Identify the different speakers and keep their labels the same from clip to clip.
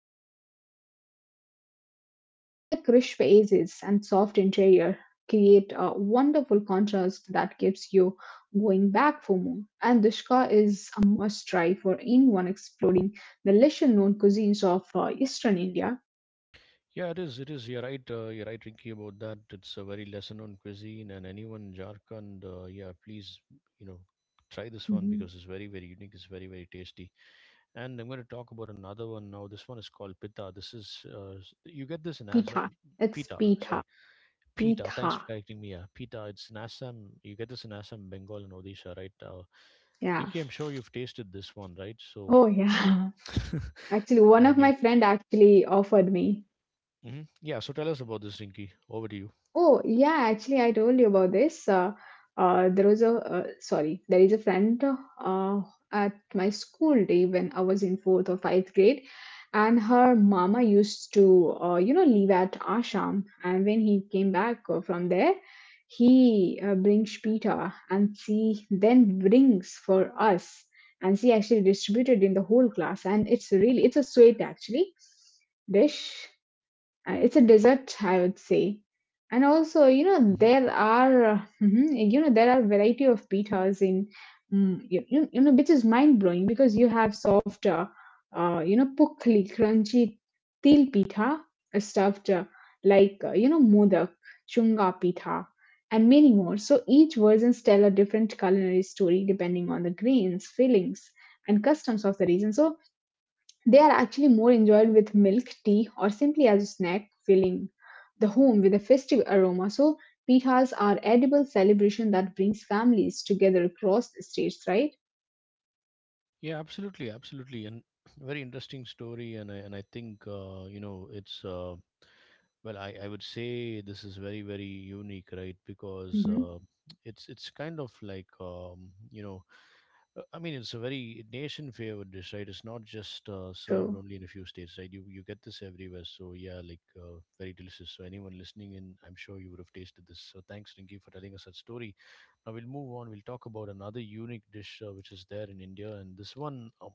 Speaker 1: straight out of bubbling oil, and the crisp edges and soft interior create a wonderful contrast that gives you going back for more, and dushka is a must try for anyone exploring the lesser known cuisines of Eastern India.
Speaker 2: Yeah, it is. It is. You're right. You're right, Ricky, about that. It's a very lesser-known cuisine, and anyone in Jharkhand, yeah, please, you know, try this one
Speaker 1: Mhm.
Speaker 2: because it's very, very unique. It's very, very tasty. And I'm going to talk about another one now. This one is called pita. This is you get this in Assam.
Speaker 1: Pita, it's
Speaker 2: Pita,
Speaker 1: pita,
Speaker 2: sorry, pita. Thanks for
Speaker 1: pita,
Speaker 2: correcting me. Yeah, pita. It's in Assam. You get this in Assam, Bengal, and Odisha, right?
Speaker 1: yeah.
Speaker 2: Rinki, I'm sure you've tasted this one, right? So
Speaker 1: Oh yeah. Actually, one
Speaker 2: I
Speaker 1: of
Speaker 2: knew.
Speaker 1: my friend actually offered me.
Speaker 2: Yeah. So tell us about this, Rinki. Over to you.
Speaker 1: Oh, yeah, actually, I told you about this. There was sorry, there is a friend at my school day when I was in fourth or fifth grade, and her mama used to, leave at Asham. And when he came back from there, he brings pita and she then brings for us. And she actually distributed in the whole class. And it's really, it's a sweet actually dish it's a dessert, I would say. And also, you know,
Speaker 2: hmm
Speaker 1: there are, you know, there are variety of pitas in, you know, which is mind blowing because you have soft, you know, pukli, crunchy til pita, stuffed you know, modak, chunga pita, and many more. So each versions tell a different culinary story depending on the grains, fillings, and customs of the region. So they are actually more enjoyed with milk, tea, or simply as a snack, filling the home with a festive aroma. So, pihas are edible celebration that brings families together across the states, right?
Speaker 2: Yeah, absolutely, absolutely, and very interesting story. And I think you know it's. Well, I would say this is very, very unique, right? Because
Speaker 1: Mm-hmm.
Speaker 2: it's kind of like you know, I mean, it's a very nation favored dish, right? It's not just served
Speaker 1: True.
Speaker 2: only in a few states, right? You get this everywhere, so yeah, like very delicious. So anyone listening in, I'm sure you would have tasted this. So thanks, Rinki, for telling us that story. Now we'll move on. We'll talk about another unique dish which is there in India, and this one. Um,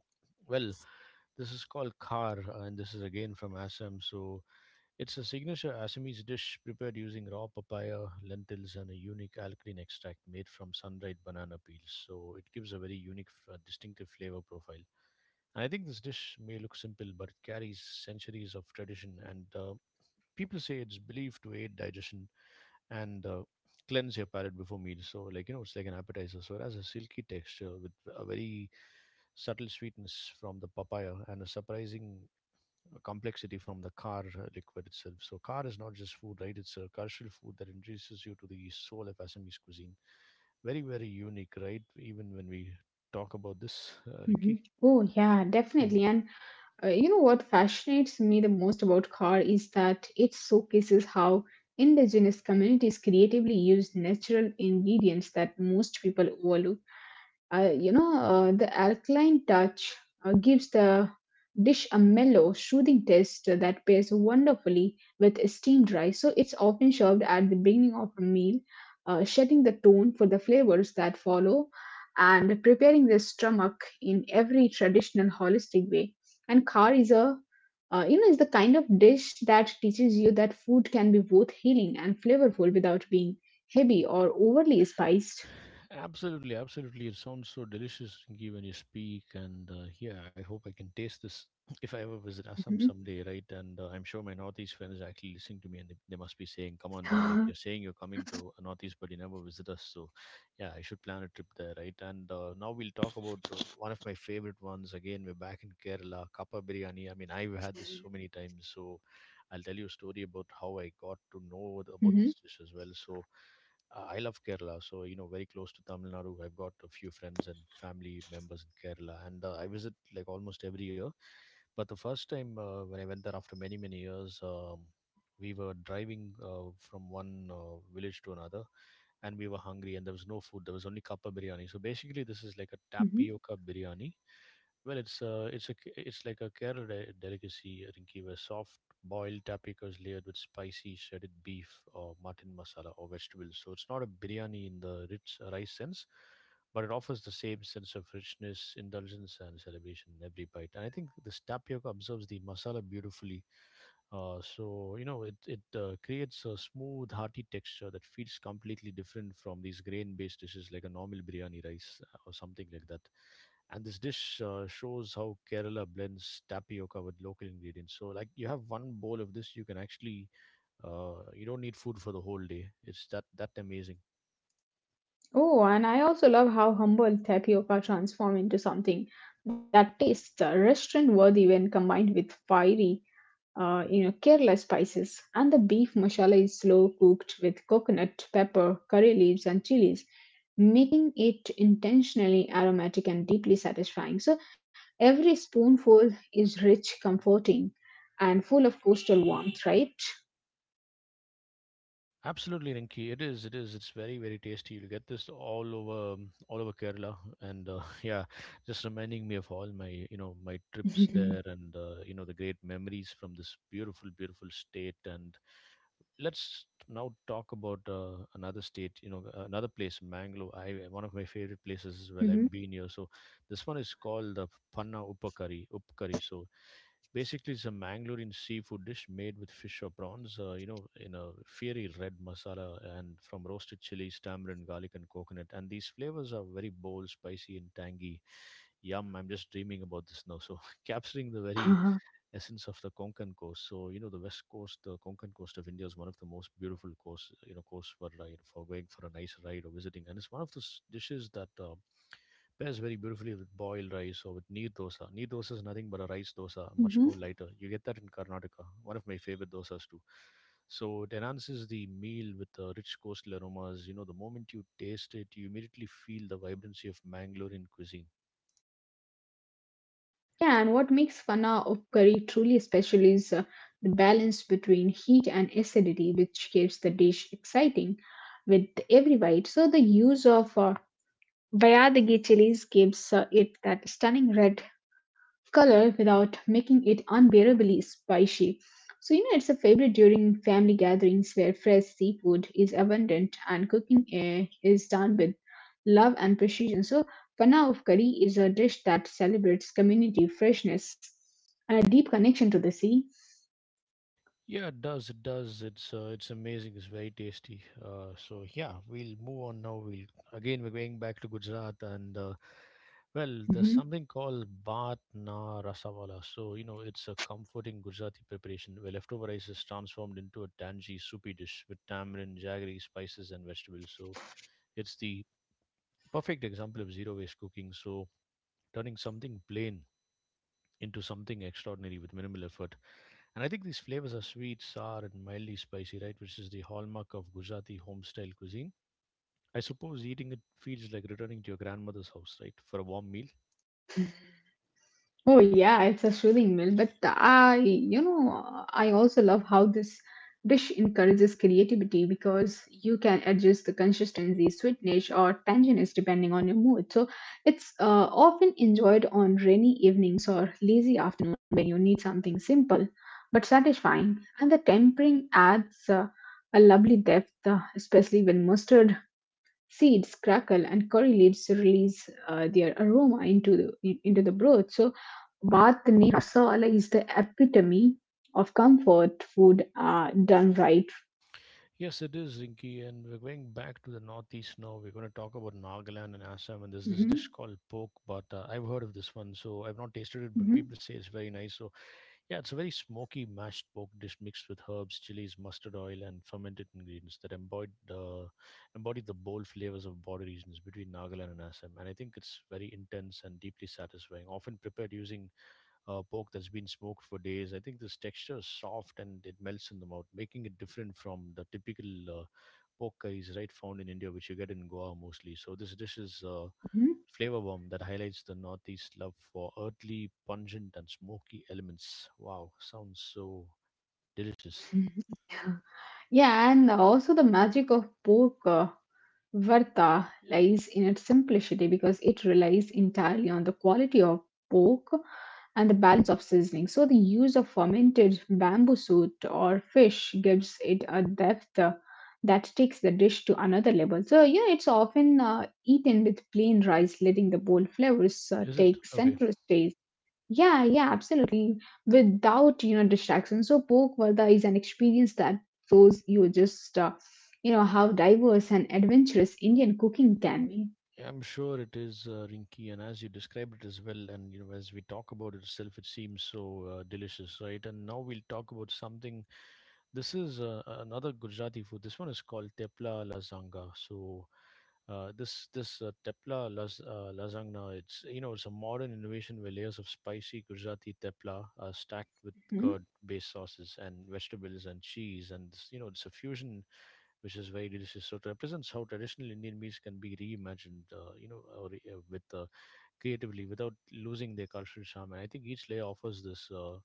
Speaker 2: well, this is called khar, and this is again from Assam. So, it's a signature Assamese dish prepared using raw papaya, lentils, and a unique alkaline extract made from sun-dried banana peels. So it gives a very unique, distinctive flavor profile. And I think this dish may look simple, but it carries centuries of tradition. And people say it's believed to aid digestion and cleanse your palate before meals. So, like, you know, it's like an appetizer. So, it has a silky texture with a very subtle sweetness from the papaya and a surprising complexity from the car liquid itself. So car is not just food, right? It's a cultural food that introduces you to the soul of Assamese cuisine. Very, very unique, right? Even when we talk about this, Rinki.
Speaker 1: Mhm. Oh, yeah, definitely. And you know what fascinates me the most about car is that it showcases how indigenous communities creatively use natural ingredients that most people overlook the alkaline touch gives the dish a mellow, soothing taste that pairs wonderfully with steamed rice. So it's often served at the beginning of a meal, setting the tone for the flavors that follow and preparing the stomach in every traditional holistic way. And khar is a you know, is the kind of dish that teaches you that food can be both healing and flavorful without being heavy or overly spiced.
Speaker 2: Absolutely, absolutely. It sounds so delicious, Rinki, when you speak. And yeah, I hope I can taste this if I ever visit Assam
Speaker 1: Mhm.
Speaker 2: someday, right? And I'm sure my Northeast friends are actually listening to me and they must be saying, come on, Dominic, you're saying you're coming to Northeast, but you never visit us. So yeah, I should plan a trip there, right? And now we'll talk about one of my favorite ones. Again, we're back in Kerala, Kappa Biryani. I mean, I've had this so many times. So I'll tell you a story about how I got to know about this dish as well. So, I love Kerala, so you know, very close to Tamil Nadu. I've got a few friends and family members in Kerala, and I visit like almost every year. But the first time when I went there after many many years, we were driving from one village to another, and we were hungry, and there was no food. There was only kappa biryani. So basically, this is like a
Speaker 1: Mhm.
Speaker 2: tapioca biryani. Well, it's like a Kerala delicacy, Rinki, where soft boiled tapikas layered with spicy shredded beef or mutton masala or vegetables. So it's not a biryani in the rich rice sense, but it offers the same sense of richness, indulgence, and celebration in every bite. And I think this tapioca absorbs the masala beautifully, so you know it creates a smooth, hearty texture that feels completely different from these grain-based dishes like a normal biryani rice or something like that. And this dish shows how Kerala blends tapioca with local ingredients. So like you have one bowl of this, you can actually you don't need food for the whole day. It's that amazing.
Speaker 1: Oh, and I also love how humble tapioca transforms into something that tastes restaurant-worthy when combined with fiery, you know, Kerala spices. And the beef masala is slow cooked with coconut, pepper, curry leaves, and chilies, making it intentionally aromatic and deeply satisfying. So every spoonful is rich, comforting, and full of coastal warmth, right?
Speaker 2: Absolutely, Rinki. It is. It is. It's very, very tasty. You'll get this all over Kerala, and yeah, just reminding me of all my, you know, my trips there, and you know, the great memories from this beautiful, beautiful state. And let's now talk about another state. You know, another place, Mangalore. I One of my favorite places as well. I've
Speaker 1: Mhm.
Speaker 2: been here. So this one is called the Panna Upakari. Upkari. So basically, it's a Mangalorean seafood dish made with fish or prawns, you know, in a fiery red masala and from roasted chilies, tamarind, garlic, and coconut. And these flavors are very bold, spicy, and tangy. Yum, I'm just dreaming about this now. So, capturing the very essence of the Konkan coast. So, you know, the west coast, the Konkan coast of India is one of the most beautiful coasts, you know, coasts for, you know, for going for a nice ride or visiting. And it's one of those dishes that pairs very beautifully with boiled rice or with neer dosa. Neer dosa is nothing but a rice dosa, much more
Speaker 1: Mhm.
Speaker 2: lighter. You get that in Karnataka, one of my favorite dosas too. So it enhances the meal with the rich coastal aromas. You know, the moment you taste it, you immediately feel the vibrancy of Mangalorean cuisine.
Speaker 1: Yeah, and what makes fana of curry truly special is the balance between heat and acidity, which keeps the dish exciting with every bite. So, the use of Bayadagi chilies gives it that stunning red color without making it unbearably spicy. So, you know, it's a favorite during family gatherings where fresh seafood is abundant and cooking is done with love and precision. So, pana of curry is a dish that celebrates community freshness and a deep connection to the sea.
Speaker 2: Yeah, it does. It does. It's amazing. It's very tasty. So yeah, we'll move on now. We'll again we're going back to Gujarat and well, there's
Speaker 1: Mm-hmm.
Speaker 2: something called baat Na Rasawala. So you know, it's a comforting Gujarati preparation where leftover rice is transformed into a tangy soupy dish with tamarind, jaggery, spices, and vegetables. So it's the perfect example of zero waste cooking. So turning something plain into something extraordinary with minimal effort. And I think these flavors are sweet, sour, and mildly spicy, right? Which is the hallmark of Gujarati home style cuisine. I suppose eating it feels like returning to your grandmother's house, right? For a warm meal.
Speaker 1: Oh yeah, it's a soothing meal, but I, you know, I also love how this dish encourages creativity because you can adjust the consistency, sweetness, or tanginess depending on your mood. So it's often enjoyed on rainy evenings or lazy afternoon when you need something simple but satisfying. And the tempering adds a lovely depth, especially when mustard seeds crackle and curry leaves release their aroma into the broth. So Bath near Uppsala is the epitome of comfort food done right.
Speaker 2: Yes, it is, Rinky, and we're going back to the northeast now. We're going to talk about Nagaland and Assam, and there's this
Speaker 1: Mhm,
Speaker 2: dish called poke, but I've heard of this one, so I've not tasted it, but
Speaker 1: mhm,
Speaker 2: people say it's very nice. So yeah, it's a very smoky mashed pork dish mixed with herbs, chilies, mustard oil, and fermented ingredients that embody the bold flavors of border regions between Nagaland and Assam. And I think it's very intense and deeply satisfying, often prepared using pork that's been smoked for days. I think this texture is soft and it melts in the mouth, making it different from the typical uh, pork curries right found in India, which you get in Goa mostly. So this dish is a flavor bomb that highlights the Northeast love for earthly, pungent, and smoky elements. Wow, sounds so delicious.
Speaker 1: mhm. Yeah, and also the magic of pork. Varta lies in its simplicity because it relies entirely on the quality of pork and the balance of seasoning. So, the use of fermented bamboo suet or fish gives it a depth that takes the dish to another level. So, yeah, it's often eaten with plain rice, letting the bold flavors
Speaker 2: Is it?
Speaker 1: take
Speaker 2: Okay,
Speaker 1: center stage. Yeah, yeah, absolutely. Without, you know, distraction. So Poke Varda is an experience that shows you just, you know, how diverse and adventurous Indian cooking can be.
Speaker 2: yeah, I'm sure it is, Rinky, and as you described it as well, and you know, as we talk about it itself, it seems so delicious, right? And now we'll talk about something. This is another Gujarati food. This one is called tepla lasanga. So, lasagna, it's you know, it's a modern innovation where layers of spicy Gujarati tepla are stacked with
Speaker 1: Mhm.
Speaker 2: curd-based sauces and vegetables and cheese, and you know, it's a fusion which is very delicious. So it represents how traditional Indian meals can be reimagined, with creatively without losing their cultural charm. And I think each layer offers this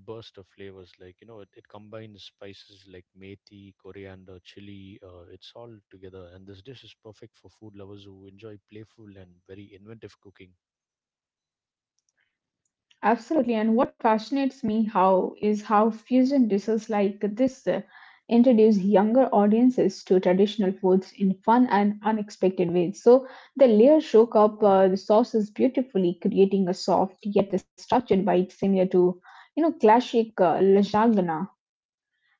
Speaker 2: burst of flavors. Like you know, it combines spices like methi, coriander, chili. It's all together, and this dish is perfect for food lovers who enjoy playful and very inventive cooking.
Speaker 1: Absolutely. And what fascinates me how is how fusion dishes like this introduce younger audiences to traditional foods in fun and unexpected ways. So the layers soak up the sauces beautifully, creating a soft yet a structured bite similar to you know classic lasagna,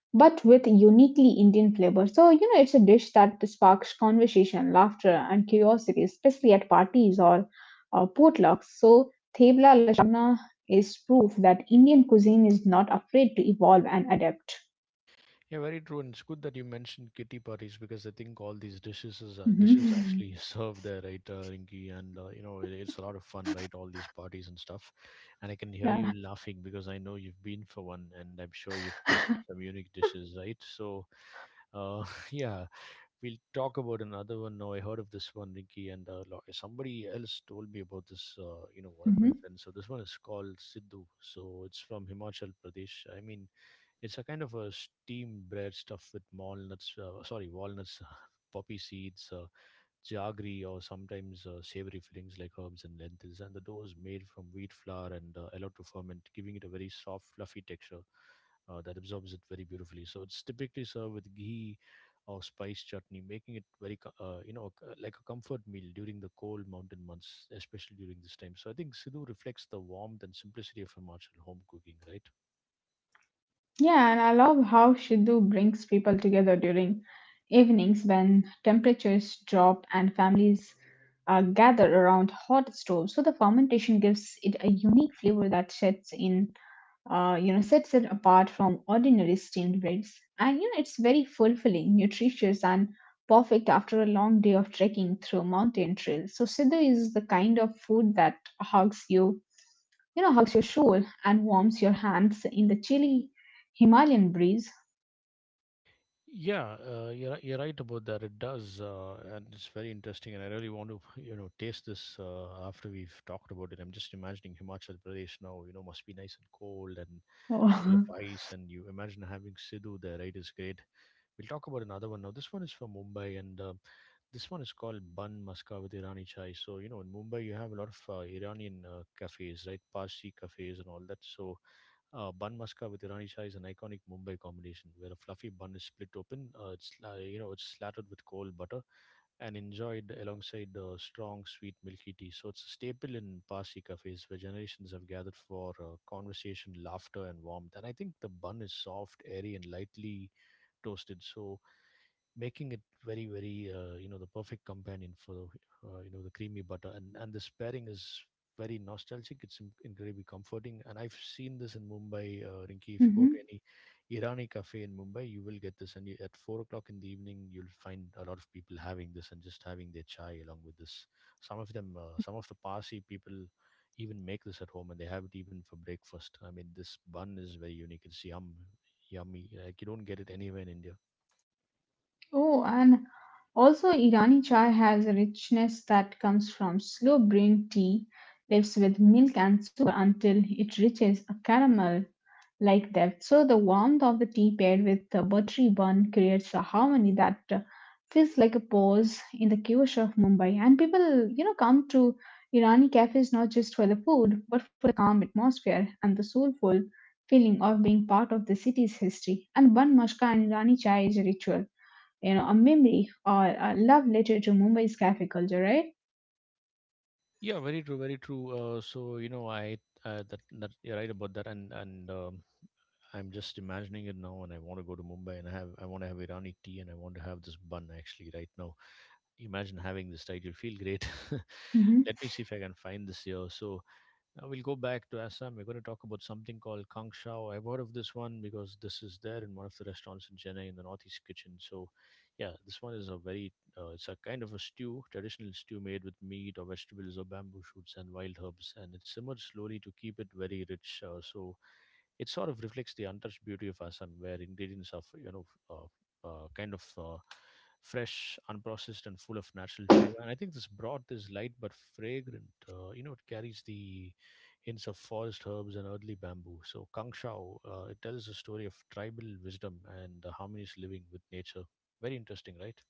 Speaker 1: but with uniquely Indian flavor. So, you know, it's a dish that sparks conversation, laughter, and curiosity, especially at parties or potlucks. So, Thebla Lasagna is proof that Indian cuisine is not afraid to evolve and adapt.
Speaker 2: Yeah, very true. And it's good that you mentioned kitty parties because I think all these dishes
Speaker 1: Mhm.
Speaker 2: actually served there, right, Rinky? And you know, it's a lot of fun, right? All these parties and stuff. And I can hear
Speaker 1: yeah.
Speaker 2: you laughing because I know you've been for one, and I'm sure you've tasted some unique dishes, right? So, uh, yeah, we'll talk about another one now. I heard of this one, Rinky, and somebody else told me about this. You know, one of my
Speaker 1: Mhm.
Speaker 2: friends. So this one is called Sidhu. So it's from Himachal Pradesh. I mean it's a kind of a steamed bread stuffed with walnuts, walnuts, poppy seeds, jaggery, or sometimes savory fillings like herbs and lentils. And the dough is made from wheat flour and allowed to ferment, giving it a very soft, fluffy texture that absorbs it very beautifully. So it's typically served with ghee or spice chutney, making it very, like a comfort meal during the cold mountain months, especially during this time. So I think Sidhu reflects the warmth and simplicity of her martial home cooking, right?
Speaker 1: Yeah, and I love how Shiddu brings people together during evenings when temperatures drop and families gather around hot stoves. So the fermentation gives it a unique flavor that sets in, you know, sets it apart from ordinary steamed breads. And you know, it's very fulfilling, nutritious, and perfect after a long day of trekking through mountain trails. So Siddhu is the kind of food that hugs you you know, hugs your shoul and warms your hands in the chilly Himalayan breeze.
Speaker 2: Yeah, you're right about that. It does, and it's very interesting. And I really want to, you know, taste this after we've talked about it. I'm just imagining Himachal Pradesh now. You know, must be nice and cold and full of ice. And you imagine having Sidhu there, right? Is great. We'll talk about another one now. This one is from Mumbai, and this one is called Bun Maska with Irani chai. So you know, in Mumbai, you have a lot of Iranian cafes, right? Parsi cafes and all that. So bun maska with Irani Shah is an iconic Mumbai combination where a fluffy bun is split open. You know, it's slathered with cold butter and enjoyed alongside strong, sweet, milky tea. So it's a staple in Parsi cafes where generations have gathered for conversation, laughter, and warmth. And I think the bun is soft, airy, and lightly toasted. So making it very very you know the perfect companion for you know the creamy butter, and this pairing is very nostalgic. It's incredibly comforting, and I've seen this in Mumbai. Rinki, if you go to
Speaker 1: Mhm.
Speaker 2: any Irani cafe in Mumbai you will get this, and you, at 4 o'clock in the evening you'll find a lot of people having this and just having their chai along with this. Some of them, some of the Parsi people even make this at home and they have it even for breakfast. I mean this bun is very unique. It's yummy. Like, you don't get it anywhere in India.
Speaker 1: Oh, and also Irani chai has a richness that comes from slow brewing tea leaves with milk and sugar until it reaches a caramel like depth. So the warmth of the tea paired with the buttery bun creates a harmony that feels like a pause in the chaos of Mumbai. And people, you know, come to Irani cafes not just for the food, but for the calm atmosphere and the soulful feeling of being part of the city's history. And bun mashka and Irani chai is a ritual you know, a memory or a love letter to Mumbai's cafe culture, right?
Speaker 2: Yeah, very true, very true. So you know, I that that you're right about that, and I'm just imagining it now, and I want to go to Mumbai, and I want to have Irani tea, and I want to have this bun actually right now. Imagine having this, right? You'll feel great.
Speaker 1: hmm
Speaker 2: Let me see if I can find this here. So now we'll go back to Assam. We're going to talk about something called Kangshao. I've heard of this one because this is there in one of the restaurants in Chennai in the Northeast Kitchen. So, yeah, this one is a very, it's a kind of a stew, traditional stew made with meat or vegetables or bamboo shoots and wild herbs, and it simmers slowly to keep it very rich. It sort of reflects the untouched beauty of Assam, where ingredients of uh, uh, kind of uh, fresh, unprocessed, and full of natural flavor. And I think this broth is light but fragrant. You know, it carries the hints of forest herbs and earthly bamboo. So Kangshao, it tells a story of tribal wisdom and the harmonious living with nature. Very interesting, right?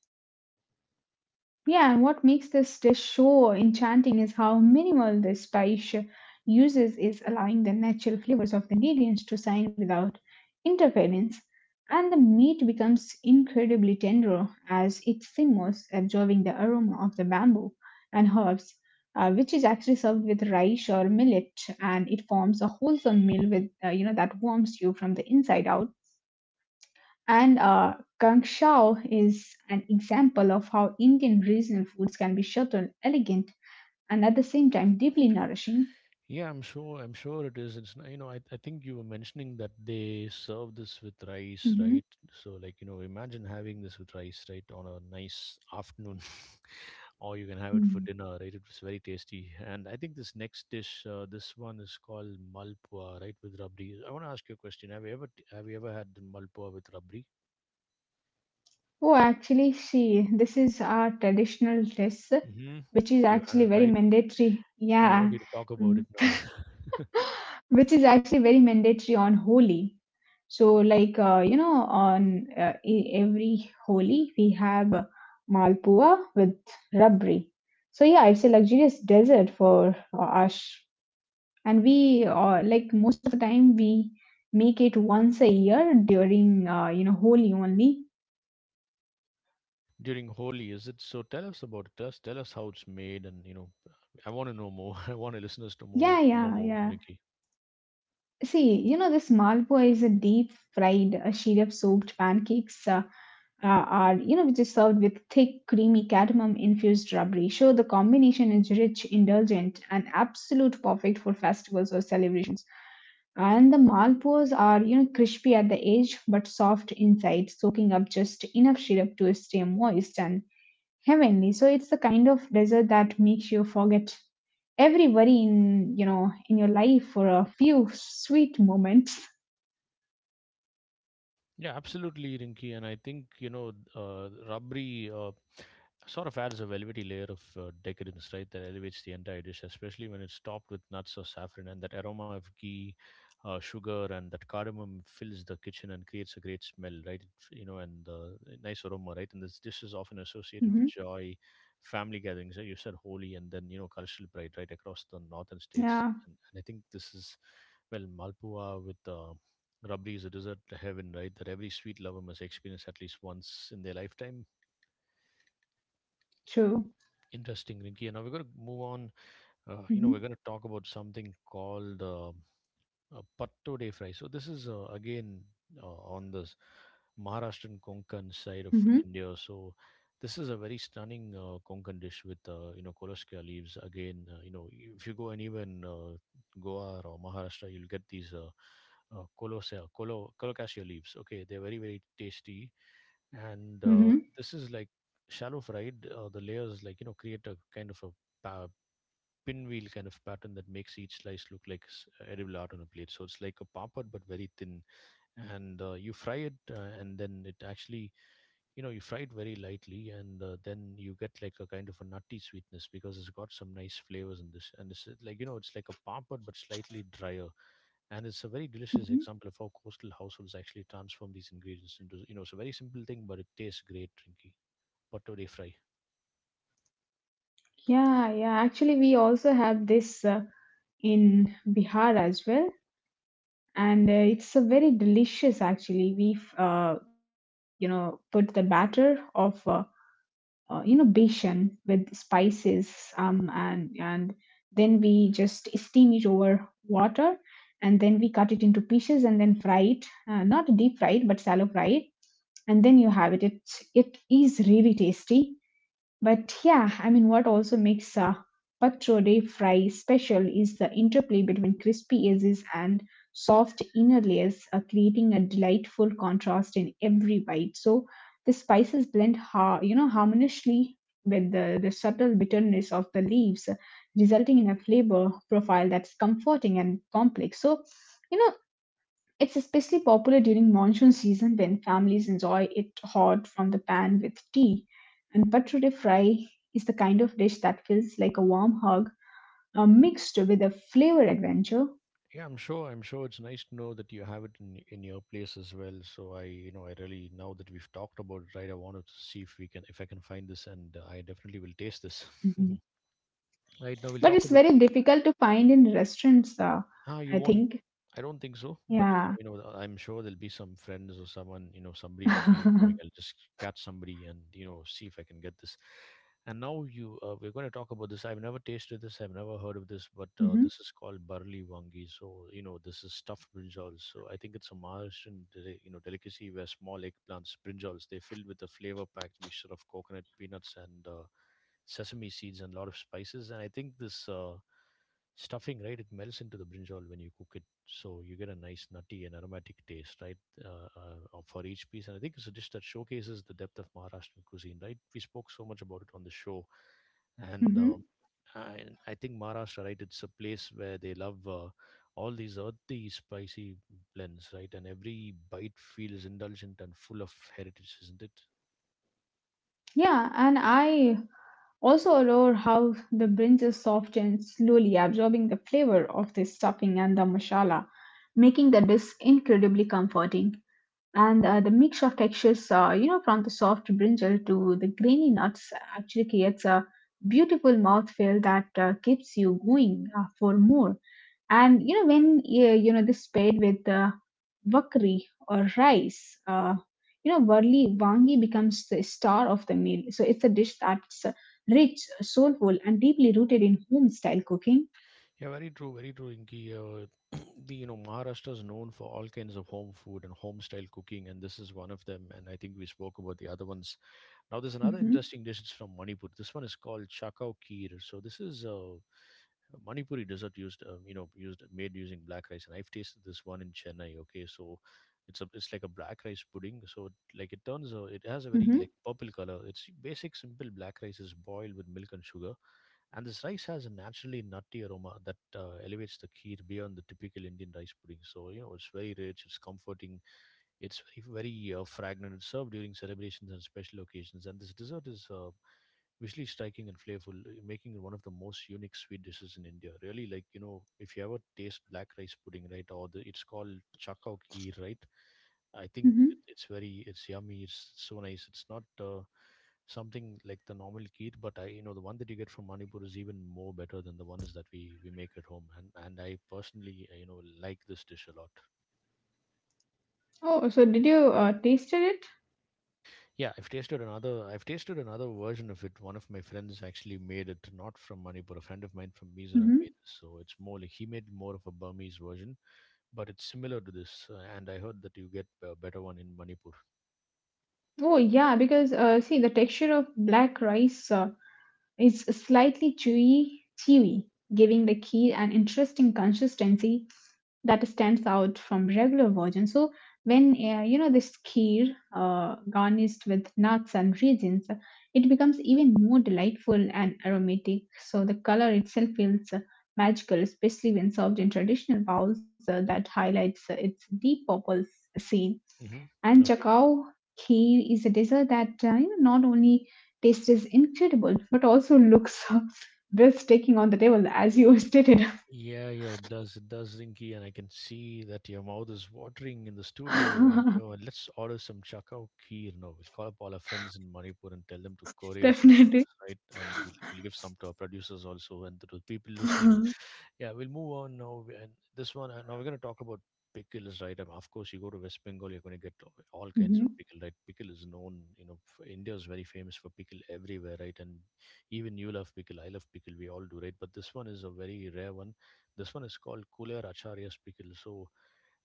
Speaker 1: Yeah, and what makes this dish so enchanting is how minimal the spice uses is allowing the natural flavors of the ingredients to shine without interference. And the meat becomes incredibly tender as it simmers, absorbing the aroma of the bamboo and herbs, which is actually served with rice or millet, and it forms a wholesome meal with you know that warms you from the inside out. And Guangzhou is an example of how Indian regional foods can be subtle, elegant, and at the same time deeply nourishing.
Speaker 2: Yeah, I'm sure. I'm sure it is. You know, I think you were mentioning that they serve this with rice, right?
Speaker 1: Mhm.
Speaker 2: So like you know, imagine having this with rice, right, on a nice afternoon, or you can have it for
Speaker 1: Mm.
Speaker 2: dinner, right? It's very tasty. And I think this next dish, this one is called malpua, right, with rabri. I want to ask you a question. Have you ever had the malpua with rabri?
Speaker 1: Oh, actually, she, this is our traditional dress,
Speaker 2: Mm-hmm.
Speaker 1: which is
Speaker 2: You
Speaker 1: actually
Speaker 2: had,
Speaker 1: very
Speaker 2: right?
Speaker 1: mandatory.
Speaker 2: I
Speaker 1: Yeah.
Speaker 2: want you to talk about
Speaker 1: Mm.
Speaker 2: it now.
Speaker 1: Which is actually very mandatory on Holi. So, like, you know, on every Holi, we have Malpua with Rabri. So yeah, it's a luxurious desert for us, and we like most of the time we make it once a year during you know Holi only.
Speaker 2: During Holi, is it? So tell us about it. Tell us how it's made, and you know, I want to know more. I want our listeners to more
Speaker 1: Yeah,
Speaker 2: know
Speaker 1: yeah,
Speaker 2: more,
Speaker 1: yeah.
Speaker 2: Rinky.
Speaker 1: See, you know, this malpua is a deep fried, syrup soaked pancakes. Uh, are you know which is served with thick creamy cardamom infused rubbery so the combination is rich indulgent and absolute perfect for festivals or celebrations and the malpuas are you know crispy at the edge but soft inside soaking up just enough syrup to stay moist and Heavenly. So it's the kind of desert that makes you forget every worry in you know in your life for a few sweet moments.
Speaker 2: Yeah, absolutely, Rinky. And I think, you know, Rabri sort of adds a velvety layer of decadence, right, that elevates the entire dish, especially when it's topped with nuts or saffron. And that aroma of ghee, sugar, and that cardamom fills the kitchen and creates a great smell, right? It- You know, and a nice aroma, right? And this dish is often associated
Speaker 1: hmm
Speaker 2: with joy, family gatherings, like you said, holy, and then, you know, cultural pride, right, across the northern
Speaker 1: Yeah,
Speaker 2: states. And I think this is, well, Malpua with Rabri is a dessert heaven, right? That every sweet lover must experience at least once in their lifetime.
Speaker 1: true.
Speaker 2: Interesting, Rinky. And now we're going to move on. You know,
Speaker 1: hmm
Speaker 2: we're going to talk about something called pattode fry. So this is again uh, on this Maharashtrian Konkan side of
Speaker 1: hmm
Speaker 2: India. So this is a very stunning Konkan dish with you know koloska leaves. Again, you know if you go anywhere in Goa or Maharashtra, you'll get these kolosia, kolo, colocasia leaves. Okay, they're very very tasty, and
Speaker 1: hmm
Speaker 2: this is like shallow fried. The layers like you know create a kind of a pa pinwheel kind of pattern that makes each slice look like edible art on a plate. So it's like a papad but very thin, and you fry it, and then it actually, you know, you fry it very lightly, and then you get like a kind of a nutty sweetness because it's got some nice flavors in this, and it's like you know, it's like a papad but slightly drier. And it's a very delicious example of how coastal households actually transform these ingredients into, you know, it's a very simple thing, but it tastes great, Rinky. Potato fry.
Speaker 1: yeah, yeah. Actually, we also have this in Bihar as well, and it's a very delicious. Actually, we've you know put the batter of you know besan with spices and then we just steam it over water and then we cut it into pieces and then fry it not deep fried but shallow fry it and then you have it is really tasty but yeah, I mean, what also makes a patchode fry special is the interplay between crispy edges and soft inner layers, creating a delightful contrast in every bite. So the spices blend, you know, harmoniously with the subtle bitterness of the leaves, resulting in a flavor profile that's comforting and complex. So, you know, it's especially popular during monsoon season when families enjoy it hot from the pan with tea. And patrode fry is the kind of dish that feels like a warm hug mixed with a flavor adventure.
Speaker 2: Yeah, I'm sure. I'm sure it's nice to know that you have it in your place as well. So I, you know, I really now that we've talked about it, right, I wanted to see if we can, if I can find this, and I definitely will taste this.
Speaker 1: Mhm.
Speaker 2: Right now, we'll
Speaker 1: But
Speaker 2: talk
Speaker 1: it's
Speaker 2: about.
Speaker 1: very difficult to find in restaurants,
Speaker 2: Ah,
Speaker 1: I
Speaker 2: you won't.
Speaker 1: think.
Speaker 2: I don't think so, but
Speaker 1: Yeah.
Speaker 2: you know, I'm sure there'll be some friends or someone, you know, somebody will be knowing. I'll just catch somebody and you know see if I can get this. And now you, we're going to talk about this. I've never tasted this. I've never heard of this, but
Speaker 1: Mhm,
Speaker 2: this is called barley wangi. So you know, this is stuffed brinjals. So I think it's a Maharashtrian, you know, delicacy where small eggplants, brinjals, they're filled with a flavor-packed mixture of coconut, peanuts, and sesame seeds and a lot of spices. And I think this. Stuffing, right? It melts into the brinjal when you cook it, so you get a nice nutty and aromatic taste, right? For each piece, and I think it's a dish that showcases the depth of Maharashtrian cuisine, right? We spoke so much about it on the show, and
Speaker 1: mhm.
Speaker 2: um, I, I think Maharashtra, right? It's a place where they love all these earthy, spicy blends, right? And every bite feels indulgent and full of heritage, isn't it?
Speaker 1: Yeah, and I also adore how the brinjal softens, slowly absorbing the flavor of the stuffing and the masala, making the dish incredibly comforting. And The mix of textures, from the soft brinjal to the grainy nuts, actually creates a beautiful mouthfeel that keeps you going for more. And when this paired with vakri or rice, barley wangi becomes the star of the meal. So it's a dish that's rich, soulful, and deeply rooted in home style cooking.
Speaker 2: Yeah, very true, Inky. The you know Maharashtra is known for all kinds of home food and home style cooking, and this is one of them. And I think we spoke about the other ones. Now, there's another
Speaker 1: hmm
Speaker 2: interesting dish. It's from Manipur. This one is called chakao kheer. So this is a Manipuri dessert used, you know, used made using black rice. And I've tasted this one in Chennai. Okay, so it's like a black rice pudding. So like it turns, a
Speaker 1: hmm
Speaker 2: it has a very like purple color. It's basic simple black rice is boiled with milk and sugar, and this rice has a naturally nutty aroma that elevates the kheer beyond the typical Indian rice pudding. So, it's very rich, it's comforting, it's very very fragrant. It's served during celebrations and special occasions, and this dessert is visually striking and flavorful, making it one of the most unique sweet dishes in India. Really, like if you ever taste black rice pudding, right, or it's called chakao kheer, right? I think
Speaker 1: hmm
Speaker 2: it's yummy. It's so nice. It's not something like the normal kheer, but the one that you get from Manipur is even more better than the ones that we make at home. And I personally, like this dish a lot.
Speaker 1: Oh, so did you tasted it?
Speaker 2: Yeah, I've tasted another version of it. One of my friends actually made it, not from Manipur. A friend of mine from Mizoram
Speaker 1: hmm
Speaker 2: made this, so it's more. Like, he made more of a Burmese version, but it's similar to this. And I heard that you get a better one in Manipur.
Speaker 1: Oh yeah, because see the texture of black rice. It's slightly chewy, giving the kheer an interesting consistency that stands out from regular version. So when this kheer garnished with nuts and raisins, it becomes even more delightful and aromatic. So the color itself feels magical, especially when served in traditional bowls that highlights its deep purple scene.
Speaker 2: Hmm.
Speaker 1: And
Speaker 2: Okay.
Speaker 1: Chakao Kheer is a dessert that not only taste is incredible but also looks breathtaking on the table, as
Speaker 2: Y-
Speaker 1: you stated.
Speaker 2: Yeah, yeah, it does. It does, Rinky, and I can see that your mouth is watering in the studio. And let's order some chakao kheer now. We'll call up all our friends in Manipur and tell them to courier some for
Speaker 1: Definitely.
Speaker 2: us, right? And we'll give some to our producers also and to the people listening. Yeah, we'll move on now. And this one, now we're going to talk about pickles, right? Of course, you go to West Bengal, you're going to get all kinds of
Speaker 1: hmm
Speaker 2: pickle, right? Pickle is known. India is very famous for pickle everywhere, right? And even you love pickle, I love pickle, we all do, right? But this one is a very rare one. This one is called Kuler Acharya's pickle. So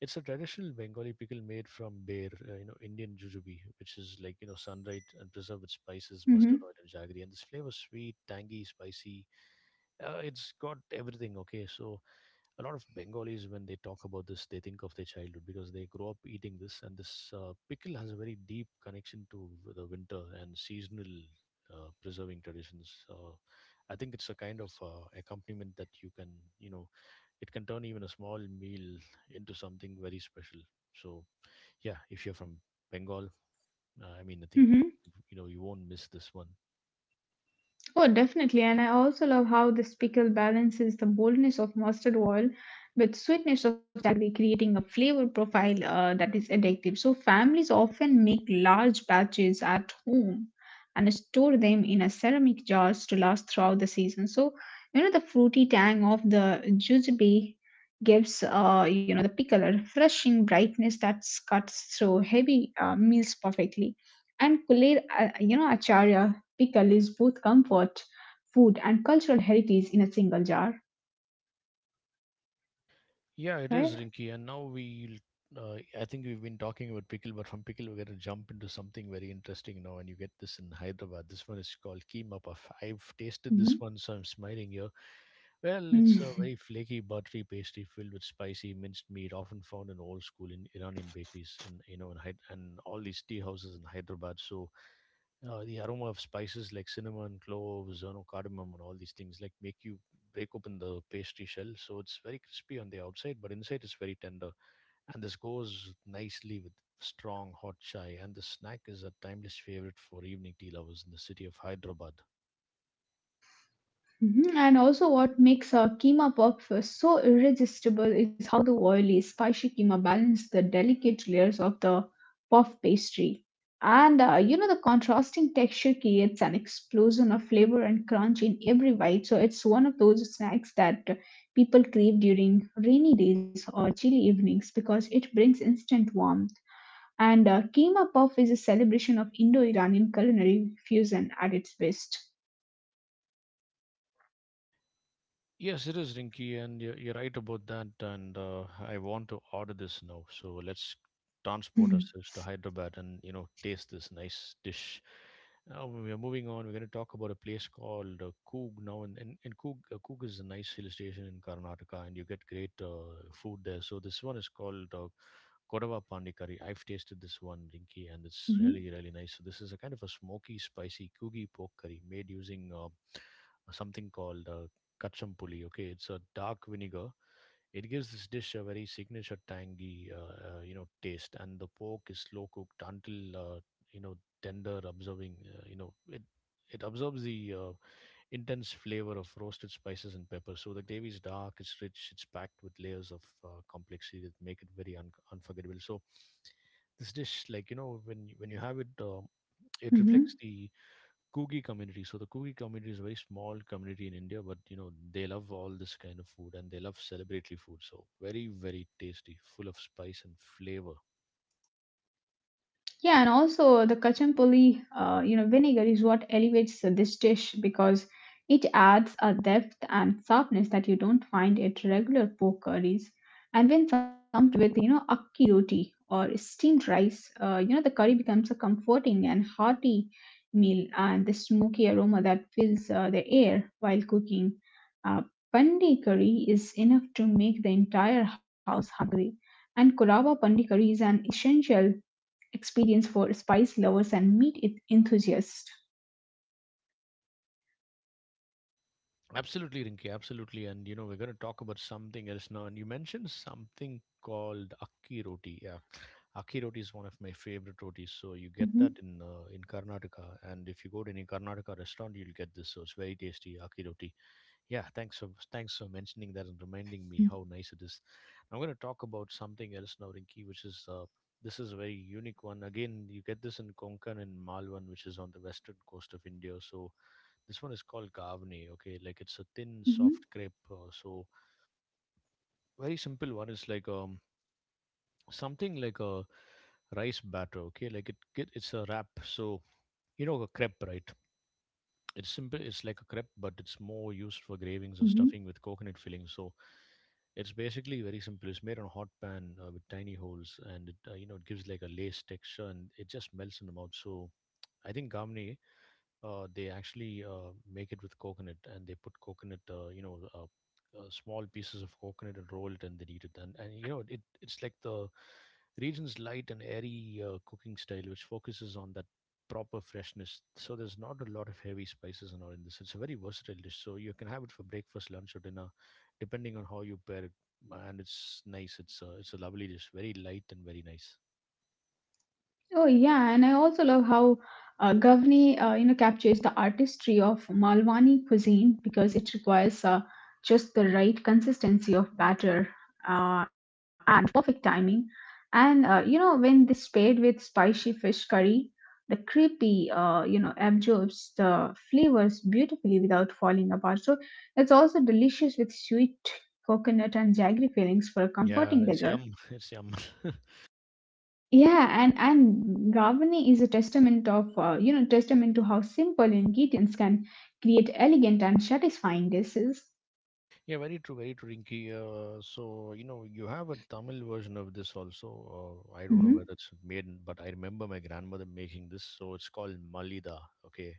Speaker 2: it's a traditional Bengali pickle made from bear, Indian jujube, which is like, sun-dried and preserved with spices, mustard
Speaker 1: hmm
Speaker 2: oil, and jaggery. And this flavor is sweet, tangy, spicy. It's got everything, okay? So a lot of Bengalis, when they talk about this, they think of their childhood because they grow up eating this. And this pickle has a very deep connection to the winter and seasonal preserving traditions. I think it's a kind of accompaniment that you can, you know, it can turn even a small meal into something very special. So, yeah, if you're from Bengal, I mean, I think,
Speaker 1: hmm
Speaker 2: you won't miss this one.
Speaker 1: Oh, definitely. And I also love how this pickle balances the boldness of mustard oil with sweetness of jaggery, creating a flavor profile that is addictive. So families often make large batches at home and store them in a ceramic jars to last throughout the season. So, the fruity tang of the jujube gives, the pickle a refreshing brightness that cuts through heavy meals perfectly. And Kulir, acharya pickle is both comfort food and cultural heritage in a single jar,
Speaker 2: Yeah, it is,
Speaker 1: right?
Speaker 2: Rinky. And now I think we've been talking about pickle, but from pickle, we're going to jump into something very interesting now. And you get this in Hyderabad. This one is called keema puff. I've tasted
Speaker 1: Mhm.
Speaker 2: this one, so I'm smiling here. Well, it's a
Speaker 1: Mhm.
Speaker 2: very flaky, buttery pastry filled with spicy minced meat, often found in old school in Iranian bakeries in you know in Hyd- and all these tea houses in Hyderabad. So the aroma of spices like cinnamon, cloves, cardamom, and all these things like make you break open the pastry shell. So it's very crispy on the outside, but inside it's very tender. And this goes nicely with strong hot chai. And the snack is a timeless favorite for evening tea lovers in the city of Hyderabad.
Speaker 1: Mhm. And also, what makes a keema puff so irresistible is how the oily, spicy keema balance the delicate layers of the puff pastry. And the contrasting texture creates an explosion of flavor and crunch in every bite. So, it's one of those snacks that people crave during rainy days or chilly evenings because it brings instant warmth. And keema puff is a celebration of Indo-Iranian culinary fusion at its best.
Speaker 2: Yes, it is, Rinky, and you're right about that. And I want to order this now. So let's
Speaker 1: Mm-hmm.
Speaker 2: transport ourselves to Hyderabad and taste this nice dish. Now we are moving on. We're going to talk about a place called Coog now, and Coog is a nice hill station in Karnataka, and you get great food there. So this one is called Kodava Pandi curry. I've tasted this one, Rinky, and it's really really nice. So this is a kind of a smoky, spicy Coogie pork curry made using something called kachampuli. Okay, it's a dark vinegar. It gives this dish a very signature tangy, taste. And the pork is slow cooked until you know tender, absorbing. It absorbs the intense flavor of roasted spices and pepper. So the gravy is dark, it's rich, it's packed with layers of complexity that make it very unforgettable. So this dish, like when you have it, it
Speaker 1: hmm
Speaker 2: reflects the Kugi community. So the Kugi community is a very small community in India, but they love all this kind of food and they love celebratory food. So very very tasty, full of spice and flavor.
Speaker 1: Yeah, and also the kachampoli, vinegar is what elevates this dish because it adds a depth and softness that you don't find at regular pork curries. And when served with, akki roti or steamed rice, the curry becomes a comforting and hearty meal, and the smoky aroma that fills the air while cooking. Uh, Pandi curry is enough to make the entire house hungry. And Kurava Pandi curry is an essential experience for spice lovers and meat enthusiasts.
Speaker 2: Absolutely, Rinki. Absolutely, and we're going to talk about something else now. And you mentioned something called akki roti. Yeah, akki roti is one of my favorite rotis. So you get that
Speaker 1: Mhm,
Speaker 2: in Karnataka, and if you go to any Karnataka restaurant, you'll get this. So it's very tasty akki roti. Yeah, thanks for mentioning that and reminding me
Speaker 1: mm,
Speaker 2: how nice it is. I'm going to talk about something else now, Rinki, which is this is a very unique one. Again, you get this in Konkan and Malwan, which is on the western coast of India. So this one is called kavni. Okay, like it's a thin,
Speaker 1: mhm,
Speaker 2: soft crepe. So very simple one is like something like a rice batter. Okay, like it's a wrap. So a crepe, right? It's simple. It's like a crepe, but it's more used for gravings or stuffing
Speaker 1: mhm.
Speaker 2: with coconut filling. So it's basically very simple. It's made on a hot pan with tiny holes, and it it gives like a lace texture, and it just melts in the mouth. So I think Gamni, they actually make it with coconut, and they put coconut small pieces of coconut and roll it and they eat it, and it's like the region's light and airy cooking style, which focuses on that proper freshness. So there's not a lot of heavy spices and all in this. It's a very versatile dish, so you can have it for breakfast, lunch, or dinner, depending on how you pair it. And it's nice. It's a lovely dish, very light and very nice.
Speaker 1: Oh yeah, and I also love how Gavni, captures the artistry of Malwani cuisine because it requires just the right consistency of batter and perfect timing. And when this paired with spicy fish curry, the creepy, absorbs the flavors beautifully without falling apart. So it's also delicious with sweet coconut and jaggery fillings for a
Speaker 2: Yeah,
Speaker 1: comforting
Speaker 2: it's
Speaker 1: dessert.
Speaker 2: yum. It's yum.
Speaker 1: Yeah, and Gavani is a testament of you know testament to how simple ingredients can create elegant and satisfying dishes.
Speaker 2: Yeah, very true, Rinky. So, you have a Tamil version of this also. I don't know
Speaker 1: hmm
Speaker 2: whether it's made, but I remember my grandmother making this. So it's called Malida. Okay.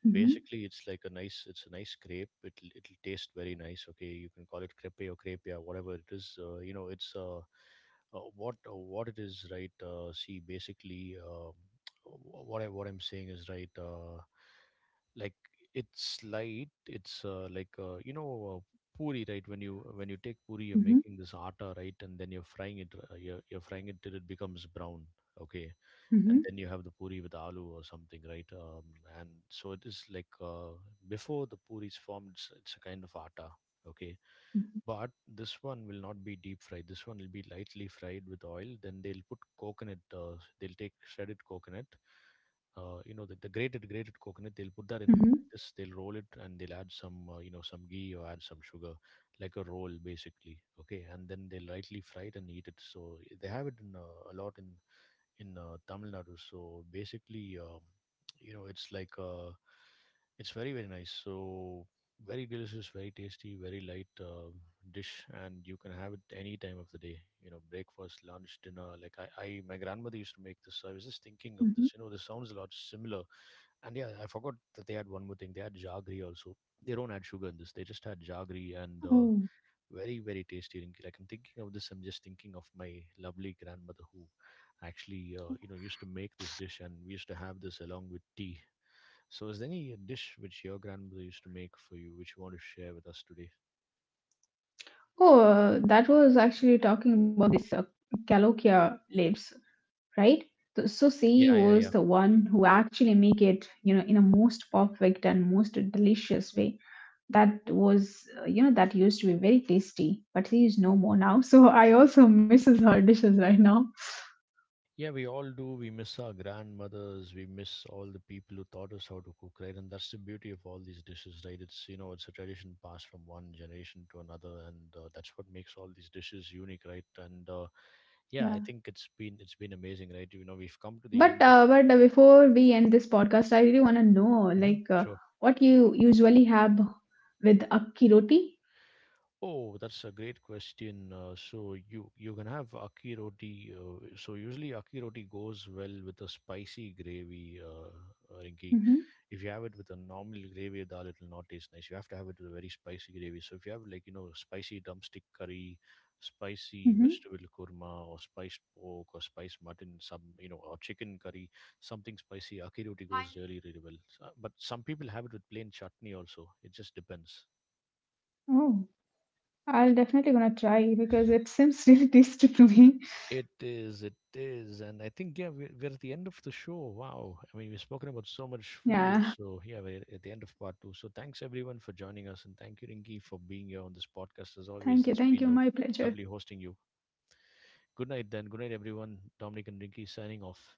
Speaker 1: hmm
Speaker 2: Basically, it's a nice crepe. It'll taste very nice. Okay. You can call it crepe or crepia, whatever it is. It's what it is, right? See, basically, what I'm saying is right. Like it's light. It's like puri, right? When you take puri, you're
Speaker 1: hmm
Speaker 2: making this atta, right? And then you're frying it. You're frying it till it becomes brown. Okay, and
Speaker 1: hmm
Speaker 2: then you have the puri with aloo or something, right? And so it is like before the puri is formed, it's a kind of atta, okay? But this one will not be deep fried. This one will be lightly fried with oil. Then they'll put coconut. They'll take shredded coconut. The grated coconut. They'll put that in
Speaker 1: Mhm,
Speaker 2: this. They'll roll it, and they'll add some some ghee, or add some sugar, like a roll basically. Okay, and then they'll lightly fry it and eat it. So they have it in a lot in Tamil Nadu. So basically, it's like it's very very nice. So very delicious, very tasty, very light dish, and you can have it any time of the day. Breakfast, lunch, dinner. Like my grandmother used to make this. So I was just thinking of this.
Speaker 1: mhm.
Speaker 2: This sounds a lot similar. And yeah, I forgot that they had one more thing. They had jaggery also. They don't add sugar in this. They just had jaggery, and
Speaker 1: Oh,
Speaker 2: very very tasty, Rinky. Like, I'm thinking of this. I'm just thinking of my lovely grandmother who actually used to make this dish, and we used to have this along with tea. So is there any dish which your grandmother used to make for you, which you want to share with us today?
Speaker 1: oh, that was actually talking about this Caolocia lips, right? So, she
Speaker 2: Yeah, yeah,
Speaker 1: was
Speaker 2: yeah.
Speaker 1: the one who actually make it, you know, in a most perfect and most delicious way. That was, that used to be very tasty, but she is no more now. So I also misses her dishes right now.
Speaker 2: Yeah, we all do. We miss our grandmothers. We miss all the people who taught us how to cook, right? And that's the beauty of all these dishes, right? It's you know it's a tradition passed from one generation to another. And that's what makes all these dishes unique right and yeah, I
Speaker 1: Yeah,
Speaker 2: think it's been amazing, right? We've come to the
Speaker 1: but
Speaker 2: end of.
Speaker 1: uh, but uh, before we end this podcast, I really want to know,
Speaker 2: Mhm.
Speaker 1: like,
Speaker 2: Sure.
Speaker 1: what you usually have with akki roti.
Speaker 2: Oh, that's a great question. So you can have aki roti. So usually aki roti goes well with a spicy gravy, Rinki.
Speaker 1: Mm-hmm,
Speaker 2: If you have it with a normal gravy, dal, it will not taste nice. You have to have it with a very spicy gravy. So if you have like spicy drumstick curry, spicy
Speaker 1: mm-hmm.
Speaker 2: vegetable korma, or spiced pork, or spiced mutton, some or chicken curry, something spicy, akiroti goes really really well. But some people have it with plain chutney also. It just depends.
Speaker 1: Oh. I'll definitely gonna try because it seems really tasty to me.
Speaker 2: It is, and I think yeah, we're at the end of the show. Wow, I mean, we've spoken about so much food,
Speaker 1: Yeah.
Speaker 2: so yeah, we're at the end of part two. So thanks everyone for joining us, and thank you, Rinki, for being here on this podcast. As always,
Speaker 1: Thank you.
Speaker 2: it's
Speaker 1: Thank
Speaker 2: been
Speaker 1: you.
Speaker 2: a
Speaker 1: My pleasure.
Speaker 2: lovely hosting you. Good night, then. Good night, everyone. Dominic and Rinki signing off.